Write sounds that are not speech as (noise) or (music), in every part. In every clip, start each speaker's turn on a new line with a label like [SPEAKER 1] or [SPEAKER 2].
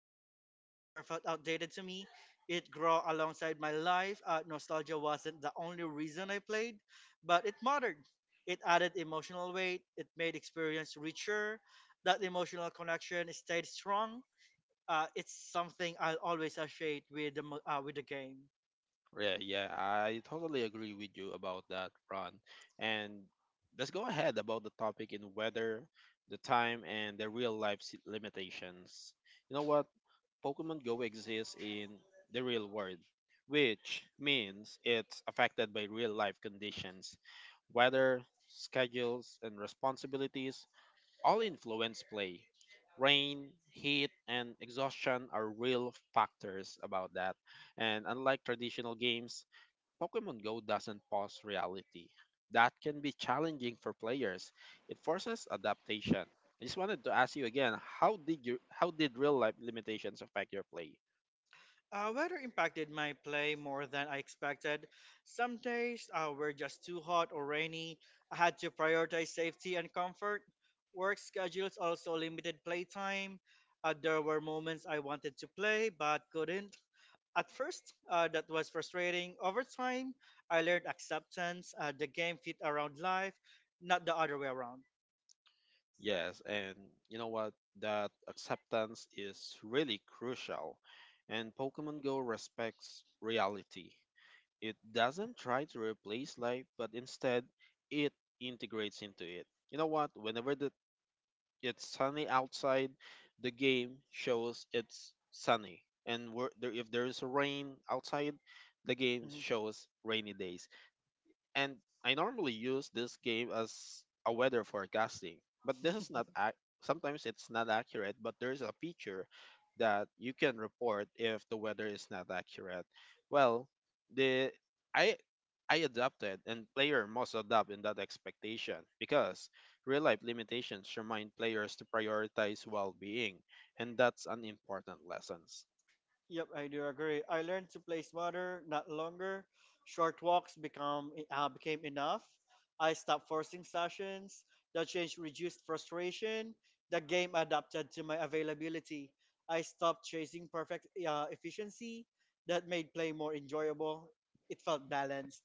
[SPEAKER 1] Pokemon Go never felt outdated to me. It grew alongside my life. Nostalgia wasn't the only reason I played, but it mattered. It added emotional weight. It made experience richer. That emotional connection stayed strong. It's something I'll always associate with the with the game.
[SPEAKER 2] Yeah, yeah, I totally agree with you about that, Ron. And let's go ahead about the topic in weather, the time, and the limitations. You know what? Pokemon Go exists in the real world, which means it's affected by real life conditions, weather, schedules, and responsibilities all influence play. Rain, heat, and exhaustion are real factors about that. And unlike traditional games, Pokemon Go doesn't pause reality. That can be challenging for players. It forces adaptation. I just wanted to ask you again, how did real life limitations affect your play?
[SPEAKER 1] Weather impacted my play more than I expected. Some days were just too hot or rainy. I had to prioritize safety and comfort. Work schedules also limited playtime. There were moments I wanted to play but couldn't. At first, that was frustrating. Over time, I learned acceptance. The game fit around life, not the other way around.
[SPEAKER 2] Yes, and you know what? That acceptance is really crucial. And Pokemon Go respects reality. It doesn't try to replace life, but instead it integrates into it. You know what? Whenever the It's sunny outside, the game shows it's sunny. And if there is rain outside, the game
[SPEAKER 1] Mhm.
[SPEAKER 2] shows rainy days, and I normally use this game as a weather forecasting, but this is not ac- sometimes it's not accurate, but there is a feature that you can report if the weather is not accurate. Well, the I I adapted and player must adapt in that expectation because real life limitations remind players to prioritize well-being, and that's an important lesson.
[SPEAKER 1] Yep, I do agree. I learned to play smarter, not longer. Short walks become became enough. I stopped forcing sessions. The change reduced frustration. The game adapted to my availability. I stopped chasing perfect efficiency. That made play more enjoyable. It felt balanced.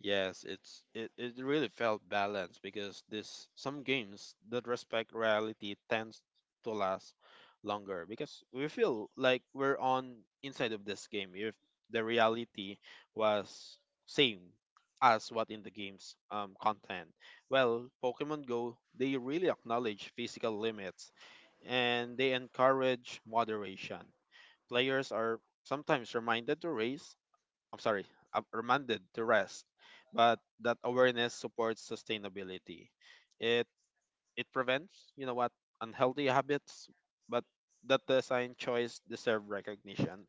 [SPEAKER 2] Yes, it really felt balanced because this some games that respect reality tends to last longer because we feel like we're on inside of this game if the reality was same as what in the game's content. Well, Pokemon Go they really acknowledge physical limits and they encourage moderation. Players are sometimes reminded to race I'm sorry, I'm reminded to rest, but that awareness supports sustainability. It it prevents, you know what, unhealthy habits, but that design choice deserve recognition.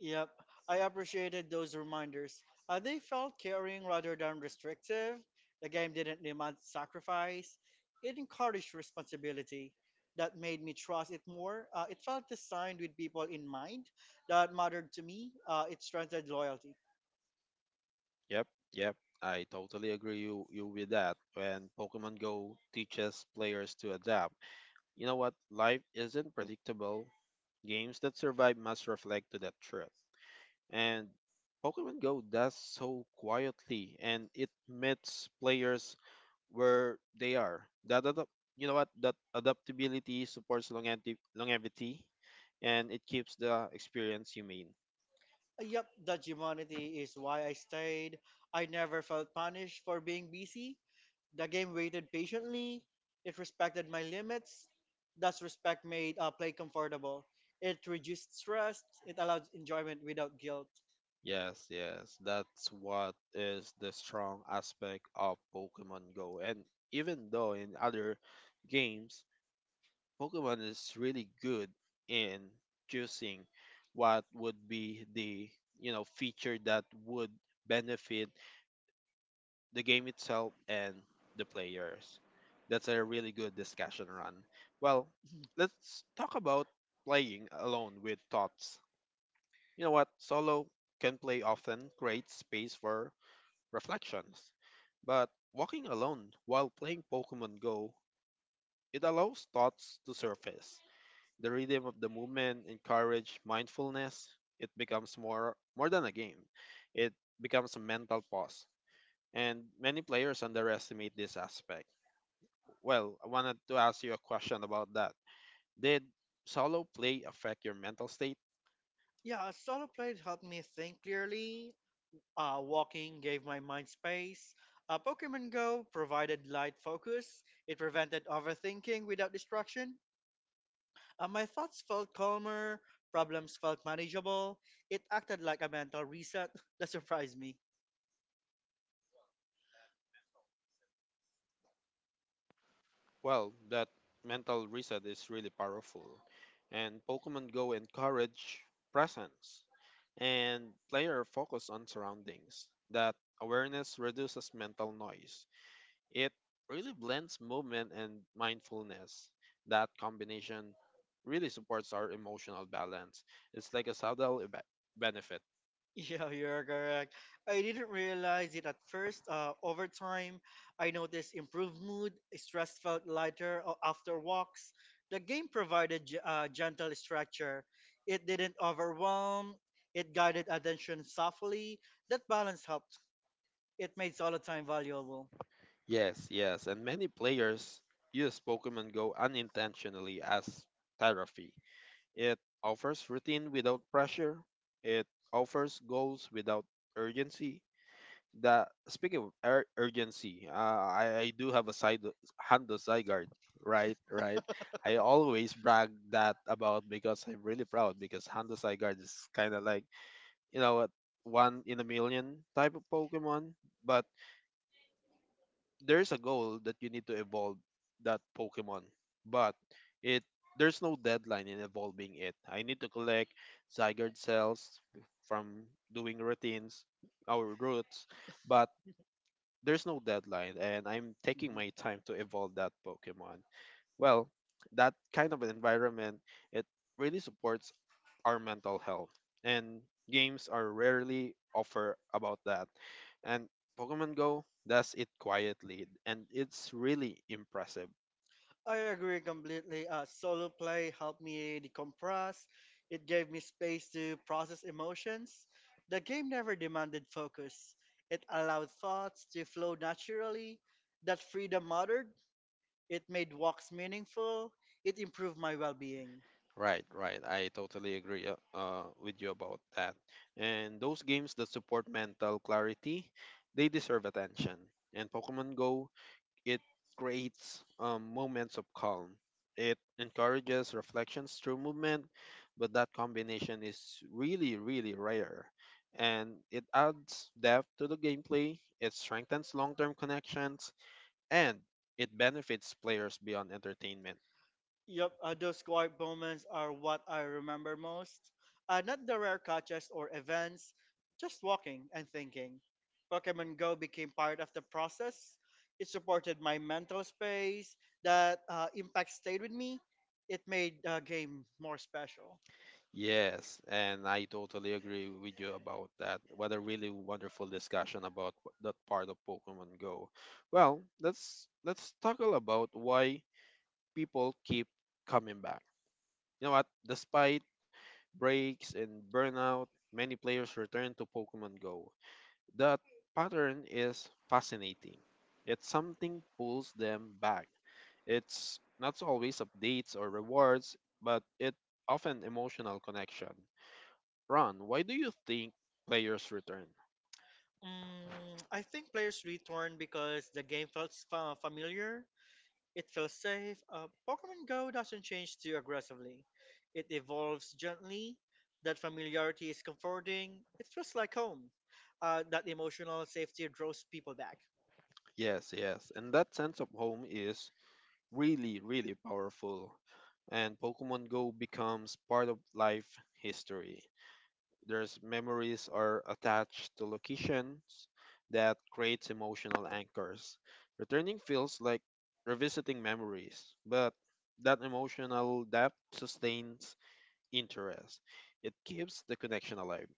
[SPEAKER 1] Yep, I appreciated those reminders. They felt caring rather than restrictive. The game didn't demand sacrifice, it encouraged responsibility. That made me trust it more. It felt designed with people in mind that mattered to me. It strengthened loyalty.
[SPEAKER 2] Yep, yep, I totally agree you with that. When Pokemon Go teaches players to adapt, you know what, life isn't predictable. Games that survive must reflect to that truth. And Pokemon Go does so quietly, and it meets players where they are. You know what, that adaptability supports longevity, longevity, and it keeps the experience humane.
[SPEAKER 1] Yep, that humanity is why I stayed. I never felt punished for being busy. The game waited patiently. It respected my limits. Thus, respect made play comfortable. It reduced stress. It allowed enjoyment without guilt.
[SPEAKER 2] Yes, yes, that's what is the strong aspect of Pokemon Go. And even though in other games, Pokemon is really good in choosing what would be the you know feature that would benefit the game itself, and the players. That's a really good discussion run. Well,
[SPEAKER 1] (laughs)
[SPEAKER 2] let's talk about playing alone with thoughts. You know what? Solo can play often creates space for reflections, but walking alone while playing Pokemon Go, it allows thoughts to surface. The rhythm of the movement encourage mindfulness. It becomes more than a game. It becomes a mental pause. And many players underestimate this aspect. Well, I wanted to ask you a question about that. Did solo play affect your mental state?
[SPEAKER 1] Yeah, solo play helped me think clearly. Walking gave my mind space. Pokemon Go provided light focus. It prevented overthinking without distraction. My thoughts felt calmer. Problems felt manageable. It acted like a mental reset (laughs) that surprised me.
[SPEAKER 2] Well, that mental reset is really powerful. And Pokemon Go encourage presence and player focus on surroundings. That awareness reduces mental noise. It really blends movement and mindfulness. That combination really supports our emotional balance. It's like a benefit.
[SPEAKER 1] Yeah, you're correct. I didn't realize it at first. Over time, I noticed improved mood, stress felt lighter after walks. The game provided gentle structure. It didn't overwhelm. It guided attention softly. That balance helped. It made solo time valuable.
[SPEAKER 2] Yes, yes, and many players use Pokemon Go unintentionally as therapy. It offers routine without pressure, it offers goals without urgency. That speaking of ur- urgency, I do have a side Honda Zygarde, right? Right. I always brag that about because I'm really proud because Honda Zygarde is kind of like you know what one in a million type of Pokemon, but there's a goal that you need to evolve that Pokemon. But it there's no deadline in evolving it. I need to collect Zygarde cells from doing routines, our roots, but there's no deadline and I'm taking my time to evolve that Pokemon. Well, that kind of an environment, it really supports our mental health. And games are rarely offer about that. And Pokemon Go does it quietly, and it's really impressive.
[SPEAKER 1] I agree completely. Solo play helped me decompress. It gave me space to process emotions. The game never demanded focus. It allowed thoughts to flow naturally. That freedom mattered. It made walks meaningful. It improved my well being.
[SPEAKER 2] Right, right. I totally agree with you about that. And those games that support mental clarity, they deserve attention. And Pokemon Go It creates moments of calm. It encourages reflections through movement, but that combination is really, really rare. And it adds depth to the gameplay, it strengthens long term connections, and it benefits players beyond entertainment.
[SPEAKER 1] Yep, those quiet moments are what I remember most. Not the rare catches or events, just walking and thinking. Pokemon Go became part of the process. It supported my mental space. That impact stayed with me. It made the game more special.
[SPEAKER 2] Yes, and I totally agree with you about that. What a really wonderful discussion about that part of Pokemon Go. Well, let's talk about why people keep coming back. You know what? Despite breaks and burnout, many players return to Pokemon Go. That pattern is fascinating. It's something pulls them back. It's not always updates or rewards, but it often emotional connection. Ron, why do you think players return?
[SPEAKER 1] Mm, I think players returned because the game felt familiar. It feels safe. Pokemon Go doesn't change too aggressively, it evolves gently. That familiarity is comforting. It feels like home. That emotional safety draws people back.
[SPEAKER 2] Yes, yes. And that sense of home is really, really powerful. And Pokemon Go becomes part of life history. There's memories are attached to locations that creates emotional anchors. Returning feels like revisiting memories, but that emotional depth sustains interest. It keeps the connection alive.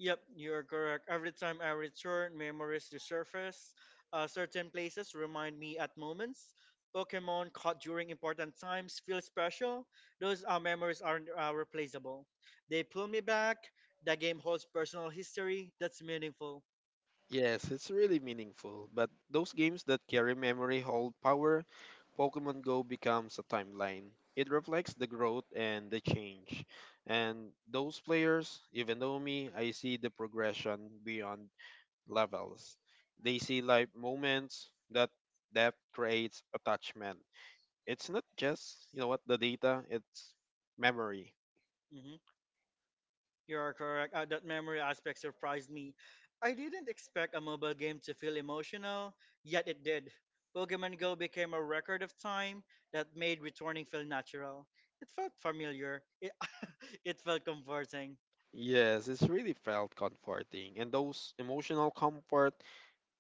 [SPEAKER 1] Yep, you're correct. Every time I return, memories resurface. Certain places remind me at moments. Pokemon caught during important times feel special. Those memories aren't replaceable. They pull me back. The game holds personal history that's meaningful.
[SPEAKER 2] Yes, it's really meaningful, but those games that carry memory hold power. Pokemon Go becomes a timeline. It reflects the growth and the change. And those players, even though me, I see the progression beyond levels. They see life moments that depth creates attachment. It's not just, you know what, the data, it's memory.
[SPEAKER 1] Mhm. You are correct. That memory aspect surprised me. I didn't expect a mobile game to feel emotional, yet it did. Pokemon Go became a record of time that made returning feel natural. It felt familiar. It, (laughs) it felt comforting.
[SPEAKER 2] Yes, it's really felt comforting, and those emotional comfort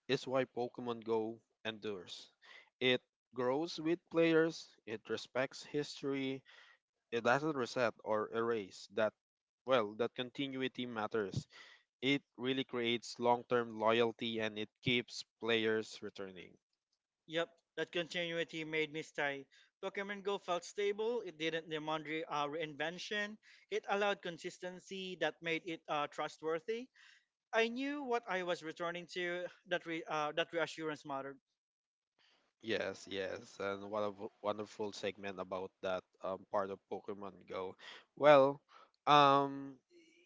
[SPEAKER 2] is why Pokemon Go endures. It grows with players, it respects history, it doesn't reset or erase that well, that continuity matters. It really creates long-term loyalty and it keeps players returning.
[SPEAKER 1] Yep, that continuity made me stay. Pokemon Go felt stable. It didn't demand reinvention. It allowed consistency that made it trustworthy. I knew what I was returning to. That reassurance mattered.
[SPEAKER 2] Yes, yes, and what a wonderful segment about that part of Pokemon Go. Well, um,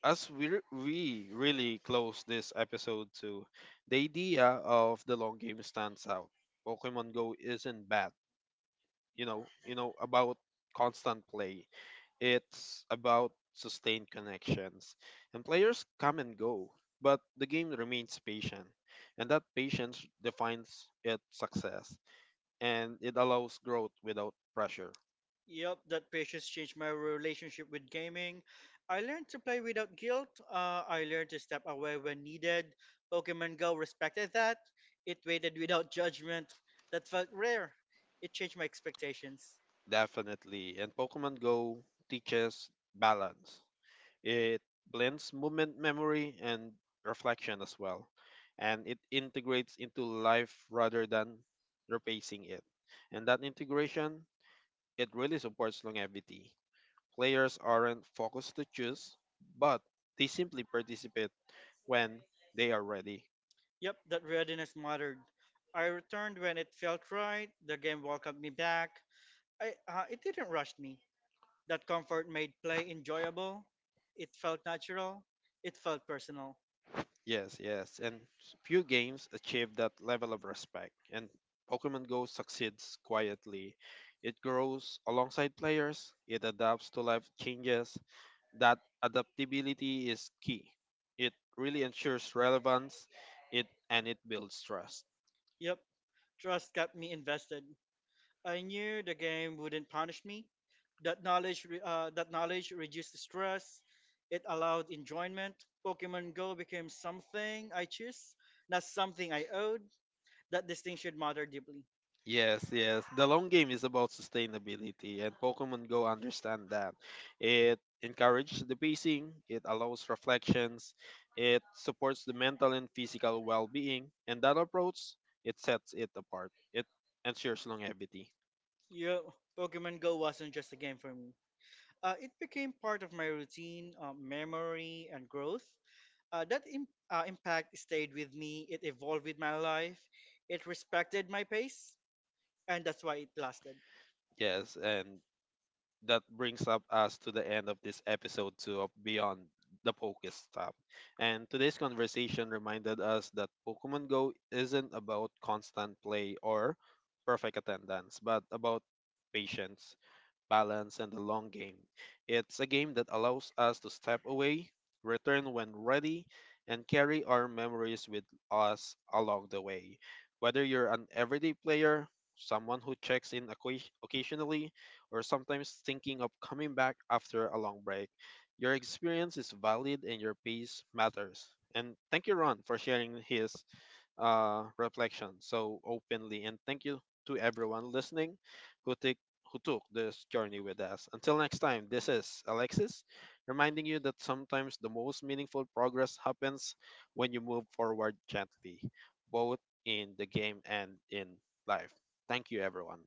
[SPEAKER 2] we really close this episode to the idea of the long game stands out. Pokemon Go isn't bad, you know about constant play. It's about sustained connections, and players come and go, but the game remains patient, and that patience defines its success and it allows growth without pressure.
[SPEAKER 1] Yep, that patience changed my relationship with gaming. I learned to play without guilt. I learned to step away when needed. Pokemon Go respected that. It waited without judgment. That felt rare. It changed my expectations.
[SPEAKER 2] Definitely. And Pokemon Go teaches balance. It blends movement memory and reflection as well. And it integrates into life rather than replacing it. And that integration, it really supports longevity. Players aren't focused to choose, but they simply participate when they are ready.
[SPEAKER 1] Yep, that readiness mattered. I returned when it felt right. The game welcomed me back. It didn't rush me. That comfort made play enjoyable. It felt natural. It felt personal.
[SPEAKER 2] Yes, yes, and few games achieve that level of respect, and Pokemon Go succeeds quietly. It grows alongside players, it adapts to life changes. That adaptability is key. It really ensures relevance, it and it builds trust.
[SPEAKER 1] Yep, trust kept me invested. I knew the game wouldn't punish me. That knowledge reduced stress. It allowed enjoyment. Pokemon Go became something I choose, not something I owed. That distinction mattered deeply.
[SPEAKER 2] Yes, yes. The long game is about sustainability, and Pokemon Go understand that. It encourages the pacing, it allows reflections, it supports the mental and physical well-being, and that approach it sets it apart. It ensures longevity.
[SPEAKER 1] Yeah, Pokemon Go wasn't just a game for me. It became part of my routine, memory, and growth. That impact stayed with me. It evolved with my life. It respected my pace, and that's why it lasted.
[SPEAKER 2] Yes, and that brings up us to the end of this episode 2 of Beyond the Pokestop. And today's conversation reminded us that Pokemon Go isn't about constant play or perfect attendance, but about patience balance, and the long game. It's a game that allows us to step away, return when ready, and carry our memories with us along the way. Whether you're an everyday player, someone who checks in occasionally, or sometimes thinking of coming back after a long break, your experience is valid and your piece matters. And thank you, Ron, for sharing his reflection so openly. And thank you to everyone listening who, who took this journey with us. Until next time, this is Alexis reminding you that sometimes the most meaningful progress happens when you move forward gently, both in the game and in life. Thank you, everyone.